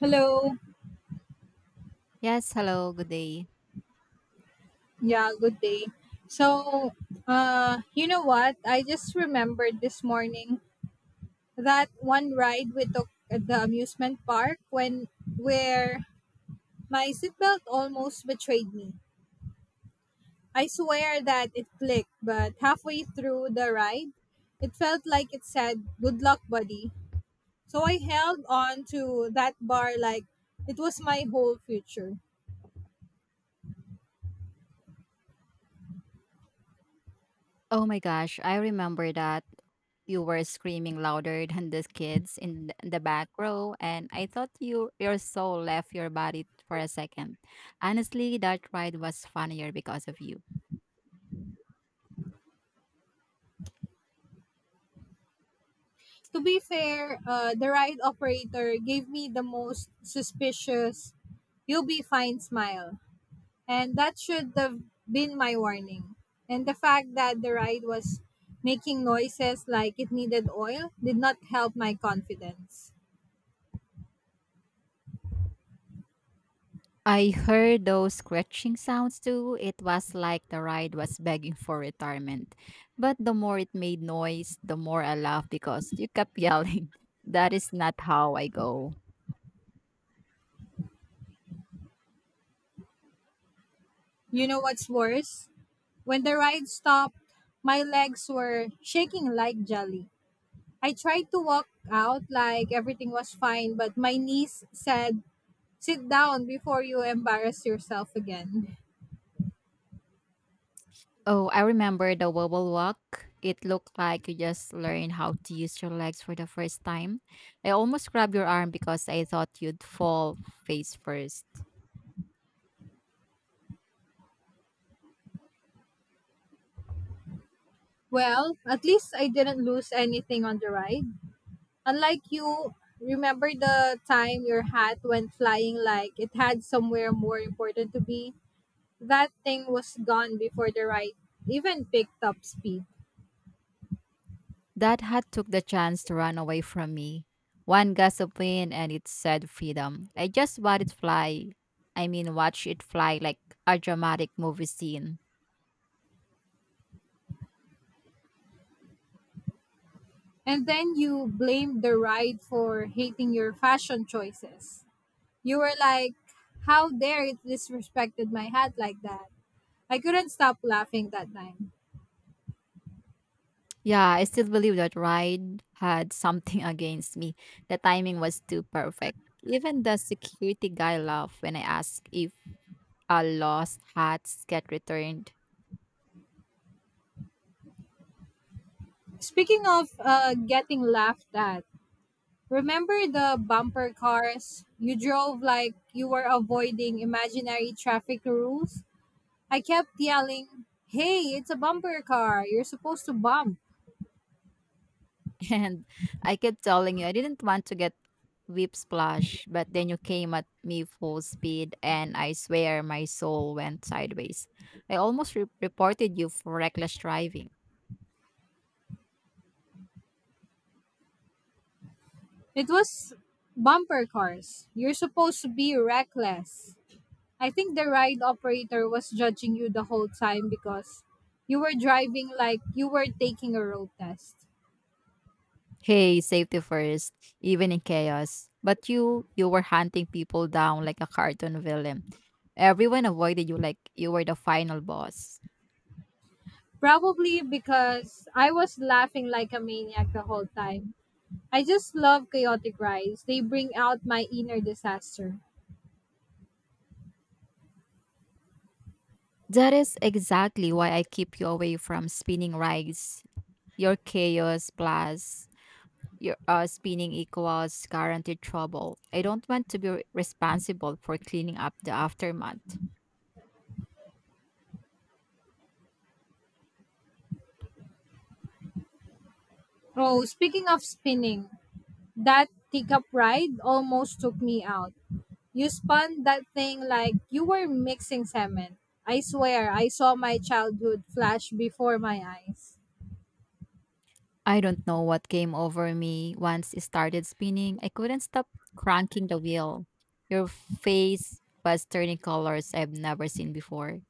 Hello. Yes, hello, good day. Yeah, good day. So, you know what? I just remembered this morning that one ride we took at the amusement park when where my seatbelt almost betrayed me. I swear that it clicked, but halfway through the ride, it felt like it said, "Good luck, buddy." So I held on to that bar like it was my whole future. Oh my gosh, I remember that you were screaming louder than the kids in the back row, and I thought your soul left your body for a second. Honestly, that ride was funnier because of you. To be fair, the ride operator gave me the most suspicious, you'll be fine smile. And that should have been my warning. And the fact that the ride was making noises like it needed oil did not help my confidence. I heard those scratching sounds too. It was like the ride was begging for retirement. But the more it made noise, the more I laughed because you kept yelling, that is not how I go. You know what's worse? When the ride stopped, my legs were shaking like jelly. I tried to walk out like everything was fine, but my niece said, sit down before you embarrass yourself again. Oh, I remember the wobble walk. It looked like you just learned how to use your legs for the first time. I almost grabbed your arm because I thought you'd fall face first. Well, at least I didn't lose anything on the ride. Unlike you, remember the time your hat went flying like it had somewhere more important to be? That thing was gone before the ride even picked up speed. That hat took the chance to run away from me. One gust of wind and it said freedom. I just watched it fly. I mean, watch it fly like a dramatic movie scene. And then you blamed the ride for hating your fashion choices. You were like, how dare it disrespected my hat like that? I couldn't stop laughing that time. Yeah, I still believe that ride had something against me. The timing was too perfect. Even the security guy laughed when I asked if lost hats get returned. Speaking of getting laughed at, remember the bumper cars? You drove like you were avoiding imaginary traffic rules. I kept yelling, hey, it's a bumper car. You're supposed to bump. And I kept telling you, I didn't want to get whip splash, but then you came at me full speed, and I swear my soul went sideways. I almost reported you for reckless driving. It was bumper cars. You're supposed to be reckless. I think the ride operator was judging you the whole time because you were driving like you were taking a road test. Hey, safety first, even in chaos. But you were hunting people down like a cartoon villain. Everyone avoided you like you were the final boss. Probably because I was laughing like a maniac the whole time. I just love chaotic rides. They bring out my inner disaster. That is exactly why I keep you away from spinning rides. Your chaos plus your spinning equals guaranteed trouble. I don't want to be responsible for cleaning up the aftermath. Oh, speaking of spinning, that teacup ride almost took me out. You spun that thing like you were mixing cement. I swear, I saw my childhood flash before my eyes. I don't know what came over me once it started spinning. I couldn't stop cranking the wheel. Your face was turning colors I've never seen before.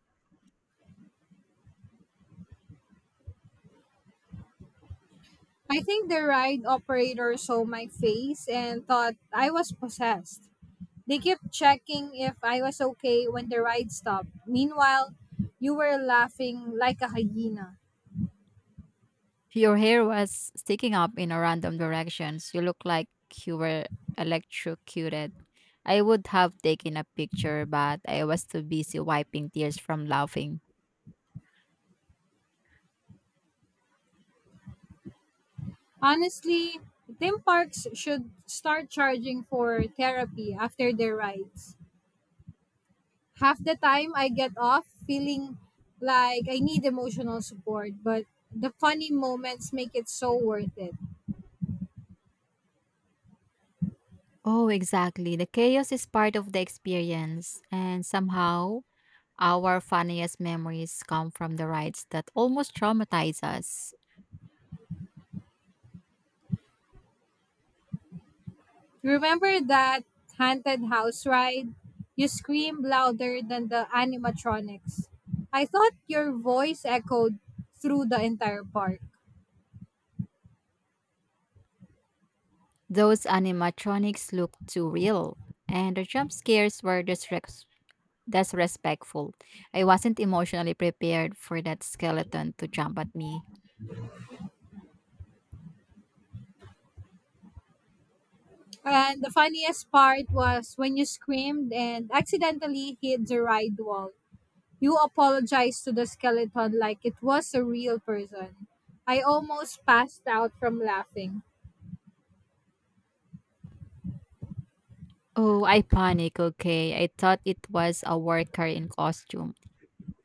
I think the ride operator saw my face and thought I was possessed. They kept checking if I was okay when the ride stopped. Meanwhile, you were laughing like a hyena. Your hair was sticking up in a random directions. You looked like you were electrocuted. I would have taken a picture, but I was too busy wiping tears from laughing. Honestly, theme parks should start charging for therapy after their rides. Half the time I get off feeling like I need emotional support, but the funny moments make it so worth it. Oh, exactly. The chaos is part of the experience, and somehow our funniest memories come from the rides that almost traumatize us. Remember that haunted house ride? You screamed louder than the animatronics. I thought your voice echoed through the entire park. Those animatronics looked too real, and the jump scares were disrespectful. I wasn't emotionally prepared for that skeleton to jump at me. And the funniest part was when you screamed and accidentally hit the ride wall. You apologized to the skeleton like it was a real person. I almost passed out from laughing. Oh, iconic. Okay. I thought it was a worker in costume.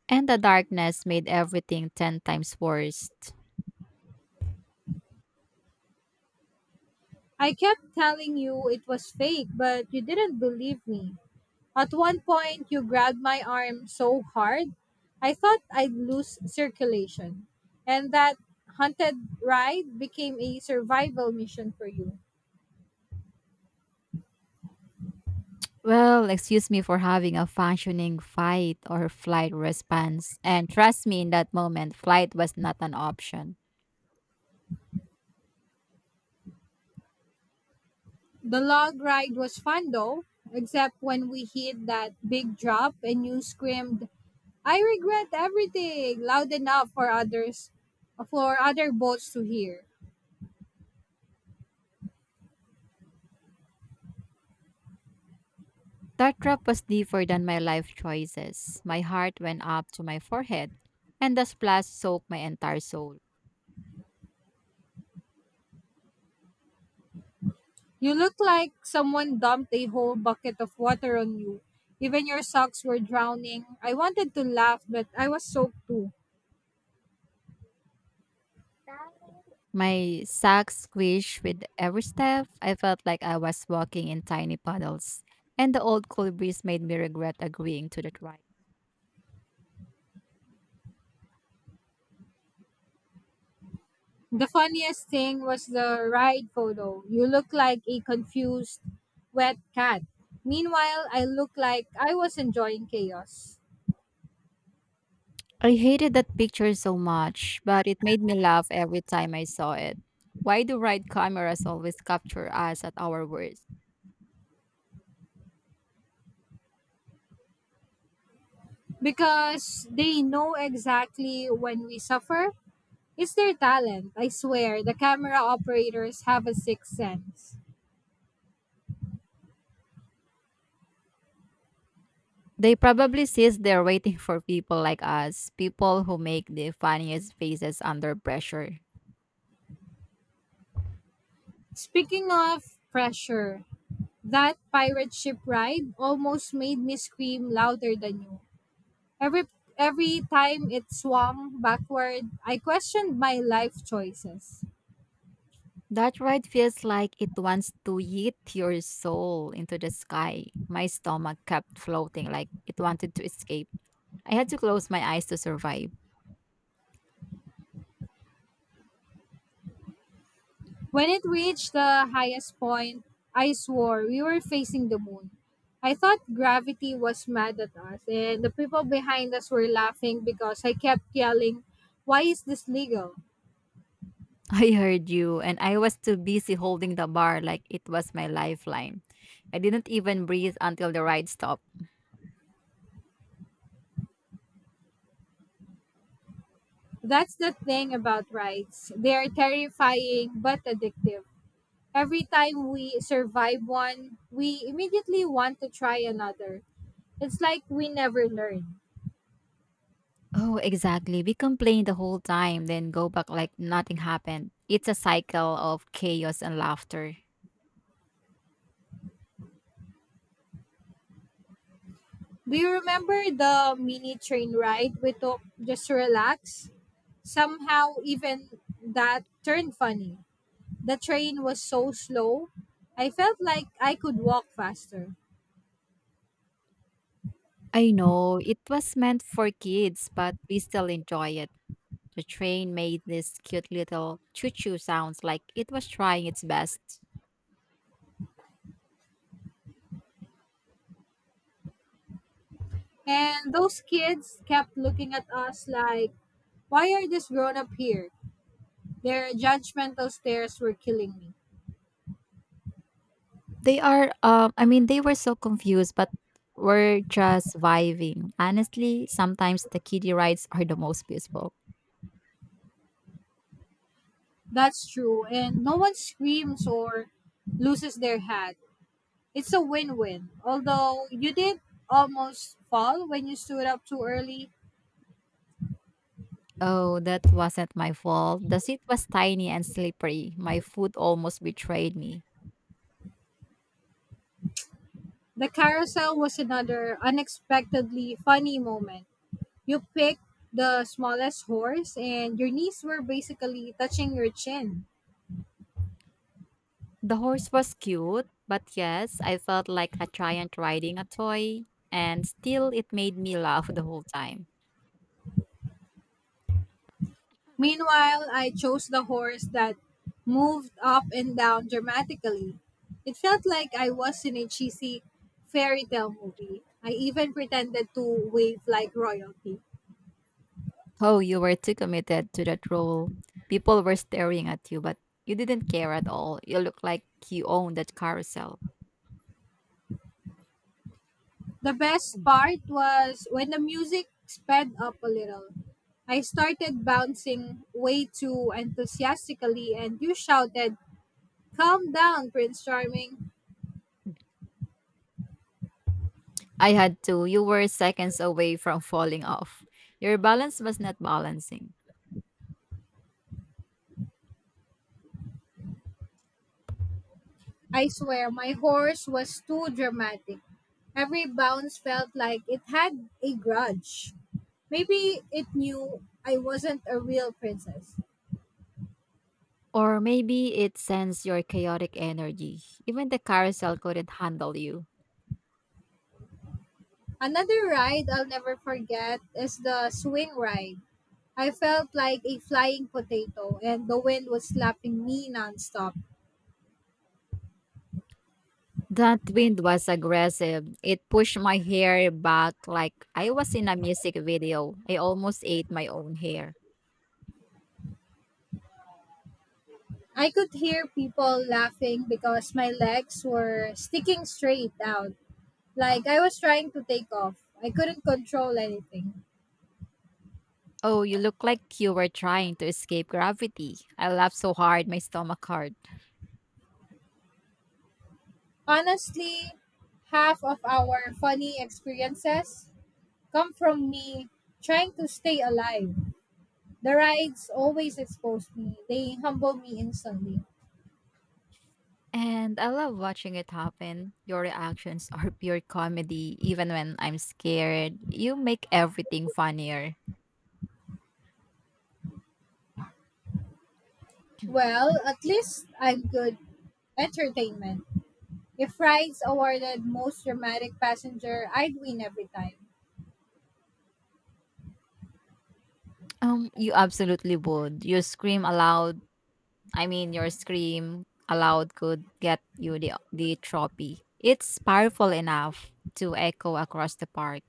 And the darkness made everything 10 times worse. I kept telling you it was fake, but you didn't believe me. At one point, you grabbed my arm so hard, I thought I'd lose circulation. And that haunted ride became a survival mission for you. Well, excuse me for having a functioning fight or flight response. And trust me, in that moment, flight was not an option. The log ride was fun though, except when we hit that big drop and you screamed, I regret everything loud enough for others for other boats to hear. That drop was deeper than my life choices. My heart went up to my forehead, and the splash soaked my entire soul. You look like someone dumped a whole bucket of water on you. Even your socks were drowning. I wanted to laugh, but I was soaked too. My sack squished with every step. I felt like I was walking in tiny puddles, and the old cool breeze made me regret agreeing to the ride. The funniest thing was the ride photo. You look like a confused, wet cat. Meanwhile, I look like I was enjoying chaos. I hated that picture so much, but it made me laugh every time I saw it. Why do ride cameras always capture us at our worst? Because they know exactly when we suffer. It's their talent. I swear, the camera operators have a sixth sense. They probably sit there waiting for people like us, people who make the funniest faces under pressure. Speaking of pressure, that pirate ship ride almost made me scream louder than you. Every every time it swung backward, I questioned my life choices. That ride feels like it wants to yeet your soul into the sky. My stomach kept floating like it wanted to escape. I had to close my eyes to survive. When it reached the highest point, I swore we were facing the moon. I thought gravity was mad at us, and the people behind us were laughing because I kept yelling, why is this legal? I heard you, and I was too busy holding the bar like it was my lifeline. I didn't even breathe until the ride stopped. That's the thing about rides. They are terrifying but addictive. Every time we survive one, we immediately want to try another. It's like we never learn. Oh, exactly. We complain the whole time, then go back like nothing happened. It's a cycle of chaos and laughter. Do you remember the mini train ride we took just to relax? Somehow, even that turned funny. The train was so slow, I felt like I could walk faster. I know it was meant for kids, but we still enjoy it. The train made this cute little choo choo sounds like it was trying its best. And those kids kept looking at us like, why are this grown up here? Their judgmental stares were killing me. They are I mean they were so confused but we're just vibing. Honestly, sometimes the kiddie rides are the most beautiful. That's true. And no one screams or loses their hat. It's a win win. Although you did almost fall when you stood up too early, Oh, that wasn't my fault. The seat was tiny and slippery. My foot almost betrayed me. the carousel was another unexpectedly funny moment. You picked the smallest horse, and your knees were basically touching your chin. The horse was cute, but yes, I felt like a giant riding a toy and still it made me laugh the whole time. Meanwhile, I chose the horse that moved up and down dramatically. It felt like I was in a cheesy fairy tale movie. I even pretended to wave like royalty. Oh, you were too committed to that role. People were staring at you, but you didn't care at all. You looked like you owned that carousel. The best Mm. part was when the music sped up a little. I started bouncing way too enthusiastically, and you shouted, calm down, Prince Charming. I had to. You were seconds away from falling off. Your balance was not balancing. I swear, my horse was too dramatic. Every bounce felt like it had a grudge. Maybe it knew I wasn't a real princess. Or maybe it sensed your chaotic energy. Even the carousel couldn't handle you. Another ride I'll never forget is the swing ride. I felt like a flying potato, and the wind was slapping me nonstop. That wind was aggressive. It pushed my hair back like I was in a music video. I almost ate my own hair. I could hear people laughing because my legs were sticking straight out, like I was trying to take off. I couldn't control anything. Oh, you look like you were trying to escape gravity. I laughed so hard, my stomach hurt. Honestly, half of our funny experiences come from me trying to stay alive. The rides always expose me, they humble me instantly. And I love watching it happen. Your reactions are pure comedy, even when I'm scared. You make everything funnier. Well, at least I'm good entertainment. If rides awarded most dramatic passenger, I'd win every time. You absolutely would. You scream aloud. I mean, your scream aloud could get you the trophy. It's powerful enough to echo across the park.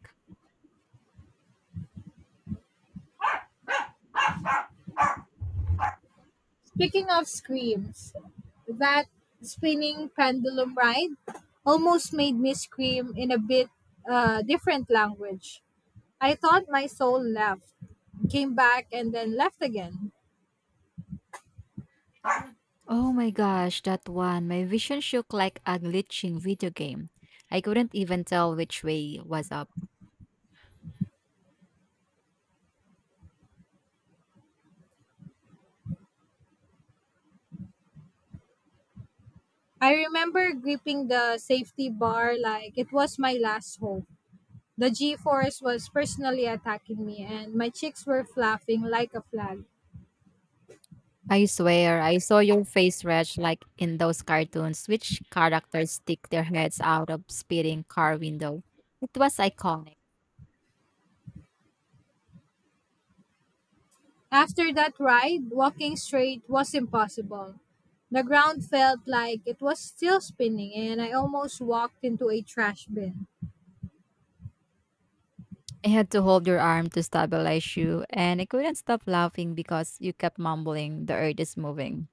Speaking of screams, that spinning pendulum ride almost made me scream in a bit different language. I thought my soul left, came back, and then left again. Oh my gosh, that one! My vision shook like a glitching video game. I couldn't even tell which way was up. I remember gripping the safety bar like it was my last hope. The G force was personally attacking me, and my cheeks were flapping like a flag. I swear, I saw your face stretch like in those cartoons, which characters stick their heads out of speeding car window. It was iconic. After that ride, walking straight was impossible. The ground felt like it was still spinning, and I almost walked into a trash bin. I had to hold your arm to stabilize you, and I couldn't stop laughing because you kept mumbling, the earth is moving.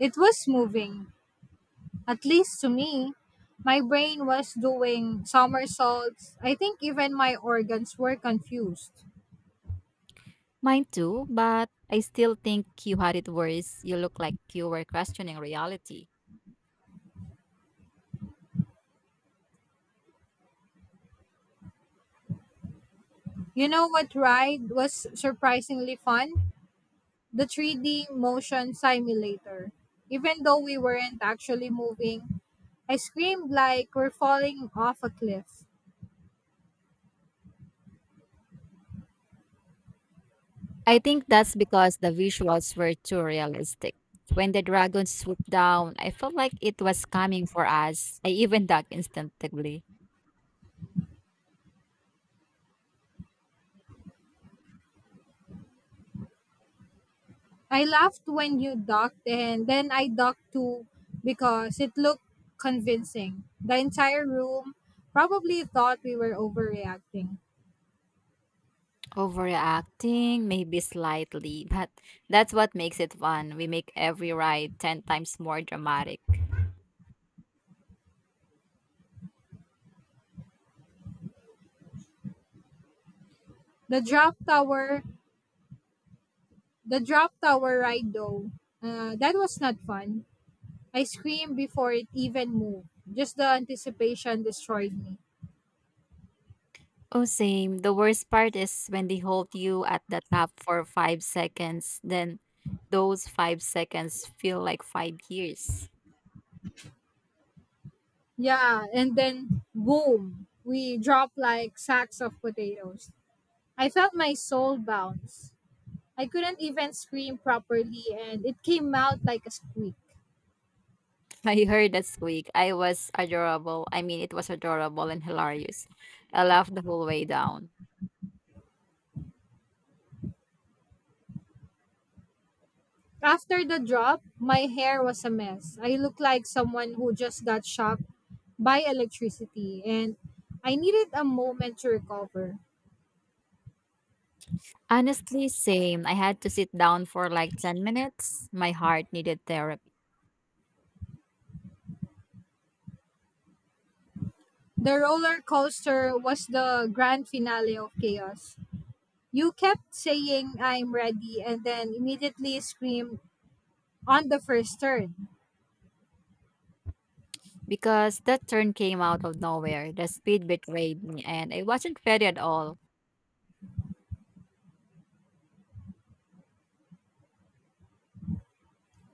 It was moving, at least to me, my brain was doing somersaults. I think even my organs were confused. Mine too, but I still think you had it worse. You look like you were questioning reality. You know what ride was surprisingly fun? The 3D motion simulator. Even though we weren't actually moving, I screamed like we're falling off a cliff. I think that's because the visuals were too realistic. When the dragon swooped down, I felt like it was coming for us. I even ducked instinctively. I laughed when you ducked and then I ducked too because it looked convincing. The entire room probably thought we were overreacting. Overreacting, maybe slightly, but that's what makes it fun. We make every ride 10 times more dramatic. The drop tower The drop tower ride though, that was not fun. I screamed before it even moved. Just the anticipation destroyed me. Oh, same. The worst part is when they hold you at the top for 5 seconds, then those 5 seconds feel like 5 years. Yeah, and then boom, we dropped like sacks of potatoes. I felt my soul bounce. I couldn't even scream properly and it came out like a squeak. I heard that squeak. I was adorable. I mean, it was adorable and hilarious. I laughed the whole way down. After the drop, my hair was a mess. I looked like someone who just got shocked by electricity and I needed a moment to recover. Honestly, same. I had to sit down for like 10 minutes. My heart needed therapy The roller coaster was the grand finale of chaos. You kept saying, I'm ready, and then immediately screamed on the first turn. because that turn came out of nowhere. The speed betrayed me and I wasn't ready at all.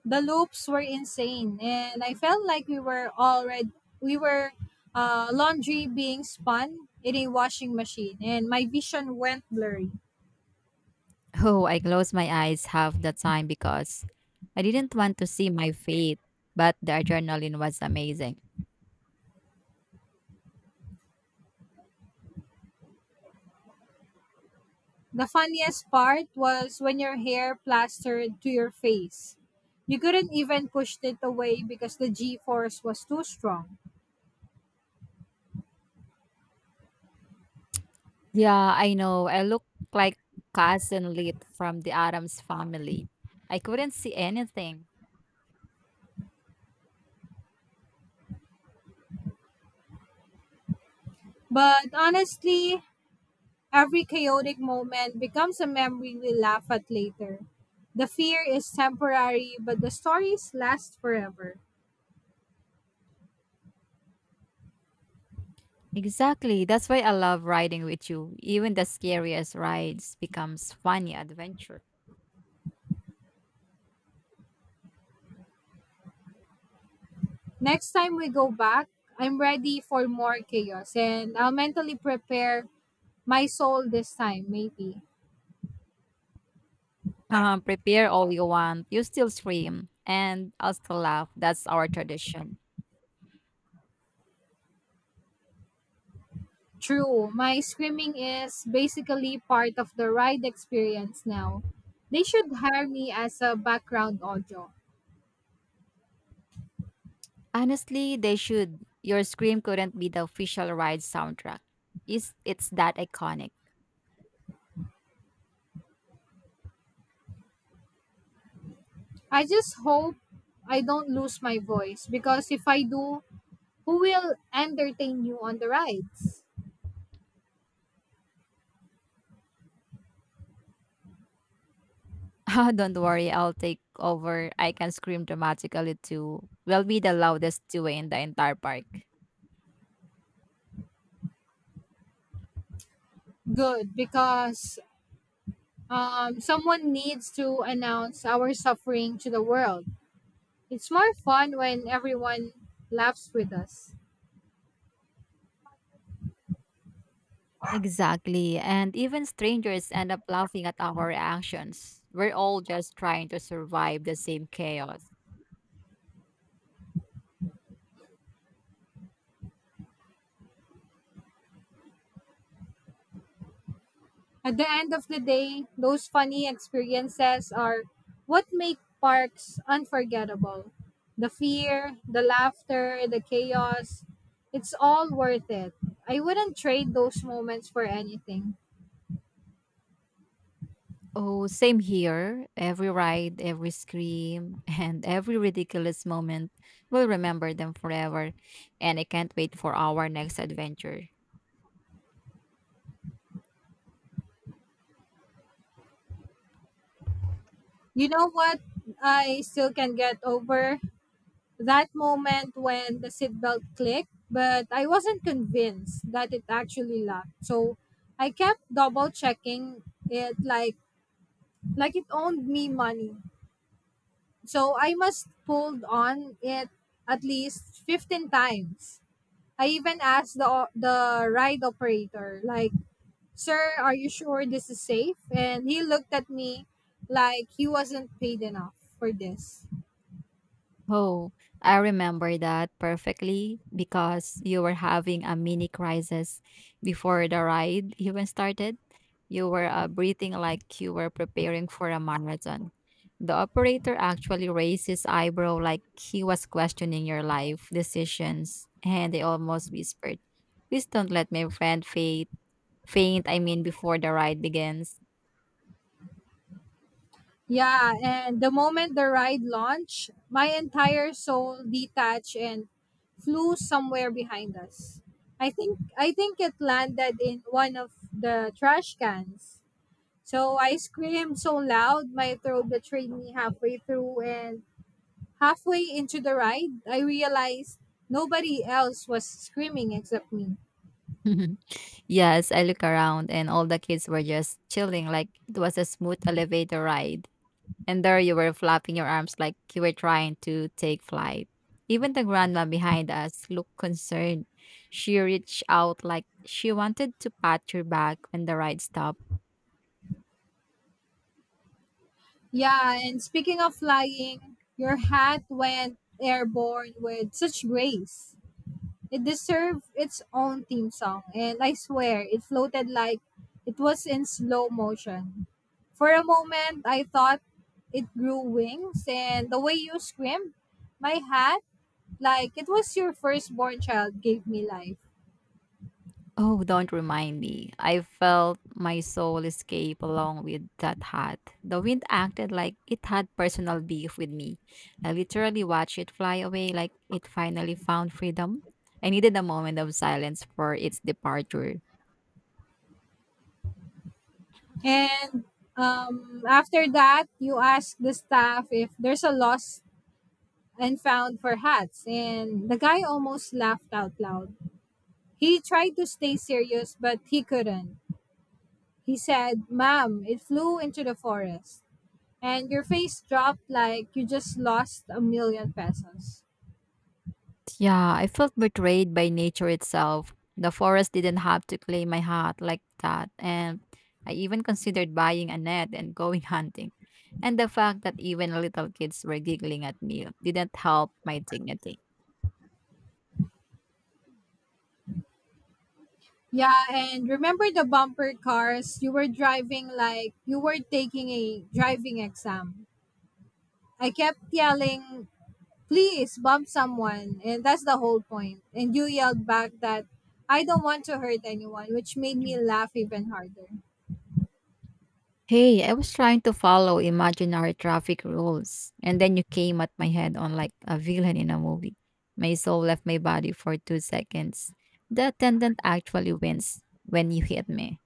The loops were insane, and I felt like we were laundry being spun in a washing machine, and my vision went blurry. Oh, I closed my eyes half the time because I didn't want to see my fate, but the adrenaline was amazing. The funniest part was when your hair plastered to your face. You couldn't even push it away because the g force was too strong. Yeah, I know. I look like cousin Lit from the Adams family. I couldn't see anything. But honestly, every chaotic moment becomes a memory we laugh at later. The fear is temporary, but the stories last forever. Exactly. That's why I love riding with you. Even the scariest rides becomes funny adventure. Next time we go back, I'm ready for more chaos and I'll mentally prepare my soul this time, maybe. Prepare all you want. You still scream and I'll still laugh. That's our tradition. True, my screaming is basically part of the ride experience now. They should hire me as a background audio. Honestly, they should. Your scream couldn't be the official ride soundtrack. Is it's that iconic. I just hope I don't lose my voice because if I do, who will entertain you on the rides? Ah, don't worry, I'll take over. I can scream dramatically too. We'll be the loudest duo in the entire park. Good, because someone needs to announce our suffering to the world. It's more fun when everyone laughs with us. Exactly. And even strangers end up laughing at our reactions. We're all just trying to survive the same chaos. At the end of the day, those funny experiences are what make parks unforgettable. The fear, the laughter, the chaos, it's all worth it. I wouldn't trade those moments for anything. Oh, same here. Every ride, every scream, and every ridiculous moment, we'll remember them forever. And I can't wait for our next adventure. You know what I still can get over? That moment when the seatbelt clicked, but I wasn't convinced that it actually locked. So I kept double checking it like it owned me money. So I must pulled on it at least 15 times. I even asked the ride operator like, "Sir, are you sure this is safe?" And he looked at me like he wasn't paid enough for this. Oh, I remember that perfectly because you were having a mini crisis before the ride even started. You were breathing like you were preparing for a marathon. The operator actually raised his eyebrow like he was questioning your life decisions, and they almost whispered, please don't let my friend faint. Faint, I mean, before the ride begins. Yeah, and the moment the ride launched, my entire soul detached and flew somewhere behind us. I think it landed in one of the trash cans. So I screamed so loud my throat betrayed me halfway through and halfway into the ride I realized nobody else was screaming except me. Yes, I look around and all the kids were just chilling like it was a smooth elevator ride. And there you were flapping your arms like you were trying to take flight. Even the grandma behind us looked concerned. She reached out like she wanted to pat your back when the ride stopped. Yeah, and speaking of flying, your hat went airborne with such grace. It deserved its own theme song, and I swear it floated like it was in slow motion. For a moment, I thought it grew wings, and the way you screamed, my hat, like it was your firstborn child, gave me life. Oh, don't remind me. I felt my soul escape along with that hat. The wind acted like it had personal beef with me. I literally watched it fly away like it finally found freedom. I needed a moment of silence for its departure. And after that, you ask the staff if there's a lost and found for hats, and the guy almost laughed out loud. He tried to stay serious, but he couldn't. He said, ma'am, it flew into the forest. And your face dropped like you just lost a million pesos. Yeah, I felt betrayed by nature itself. The forest didn't have to claim my heart like that. And I even considered buying a net and going hunting. And the fact that even little kids were giggling at me didn't help my dignity. Yeah, and remember the bumper cars? You were driving like you were taking a driving exam. I kept yelling, please bump someone. And that's the whole point. And you yelled back that I don't want to hurt anyone, which made me laugh even harder. Hey, I was trying to follow imaginary traffic rules, and then you came at my head on like a villain in a movie. My soul left my body for 2 seconds. The attendant actually wins when you hit me.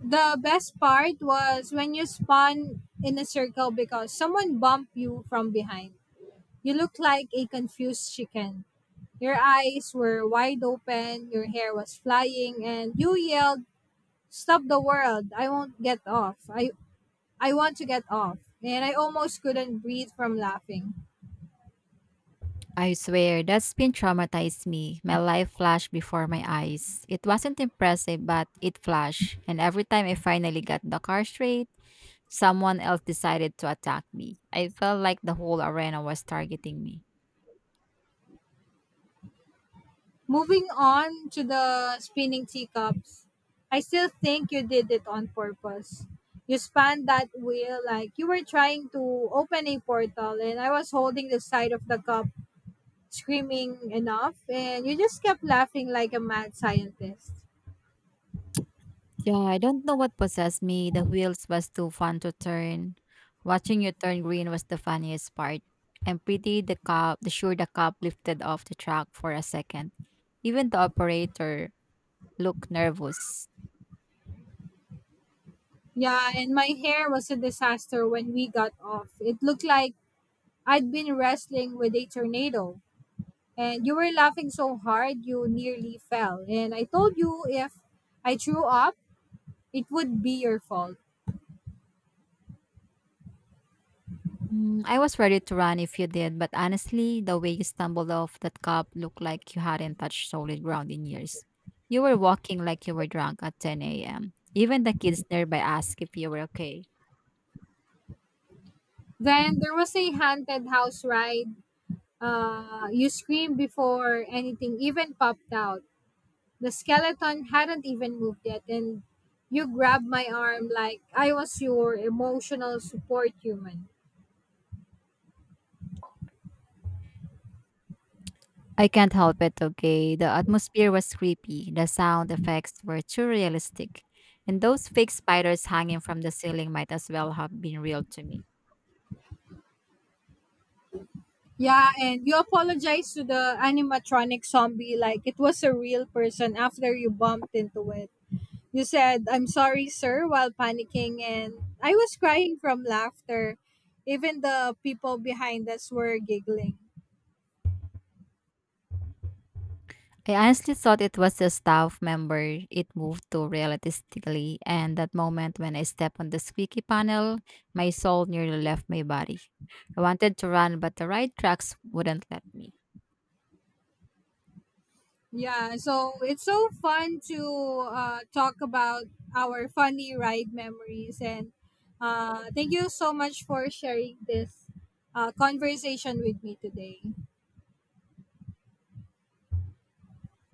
The best part was when you spun in a circle because someone bumped you from behind. You looked like a confused chicken. Your eyes were wide open, your hair was flying, and you yelled, stop the world! I won't get off. I want to get off. And I almost couldn't breathe from laughing. I swear, that spin traumatized me. My life flashed before my eyes. It wasn't impressive, but it flashed. And every time I finally got the car straight, someone else decided to attack me. I felt like the whole arena was targeting me. Moving on to the spinning teacups, I still think you did it on purpose. You spun that wheel like you were trying to open a portal, and I was holding the side of the cup screaming enough and you just kept laughing like a mad scientist. Yeah, I don't know what possessed me. The wheels was too fun to turn. Watching you turn green was the funniest part. And pretty the cop, the sure the cop lifted off the track for a second. Even the operator looked nervous. Yeah, and my hair was a disaster when we got off. It looked like I'd been wrestling with a tornado. And you were laughing so hard you nearly fell. And I told you if I threw up, it would be your fault. Mm, I was ready to run if you did, but honestly, the way you stumbled off that cup looked like you hadn't touched solid ground in years. You were walking like you were drunk at 10 a.m. Even the kids nearby asked if you were okay. Then there was a haunted house ride. You screamed before anything even popped out. The skeleton hadn't even moved yet, and you grabbed my arm like I was your emotional support human. I can't help it, okay? The atmosphere was creepy, the sound effects were too realistic, and those fake spiders hanging from the ceiling might as well have been real to me. Yeah, and you apologized to the animatronic zombie like it was a real person after you bumped into it. You said, I'm sorry, sir, while panicking, and I was crying from laughter. Even the people behind us were giggling. I honestly thought it was a staff member. It moved to realistically, and that moment when I stepped on the squeaky panel, my soul nearly left my body. I wanted to run, but the ride tracks wouldn't let me. Yeah, so it's so fun to talk about our funny ride memories, and thank you so much for sharing this conversation with me today.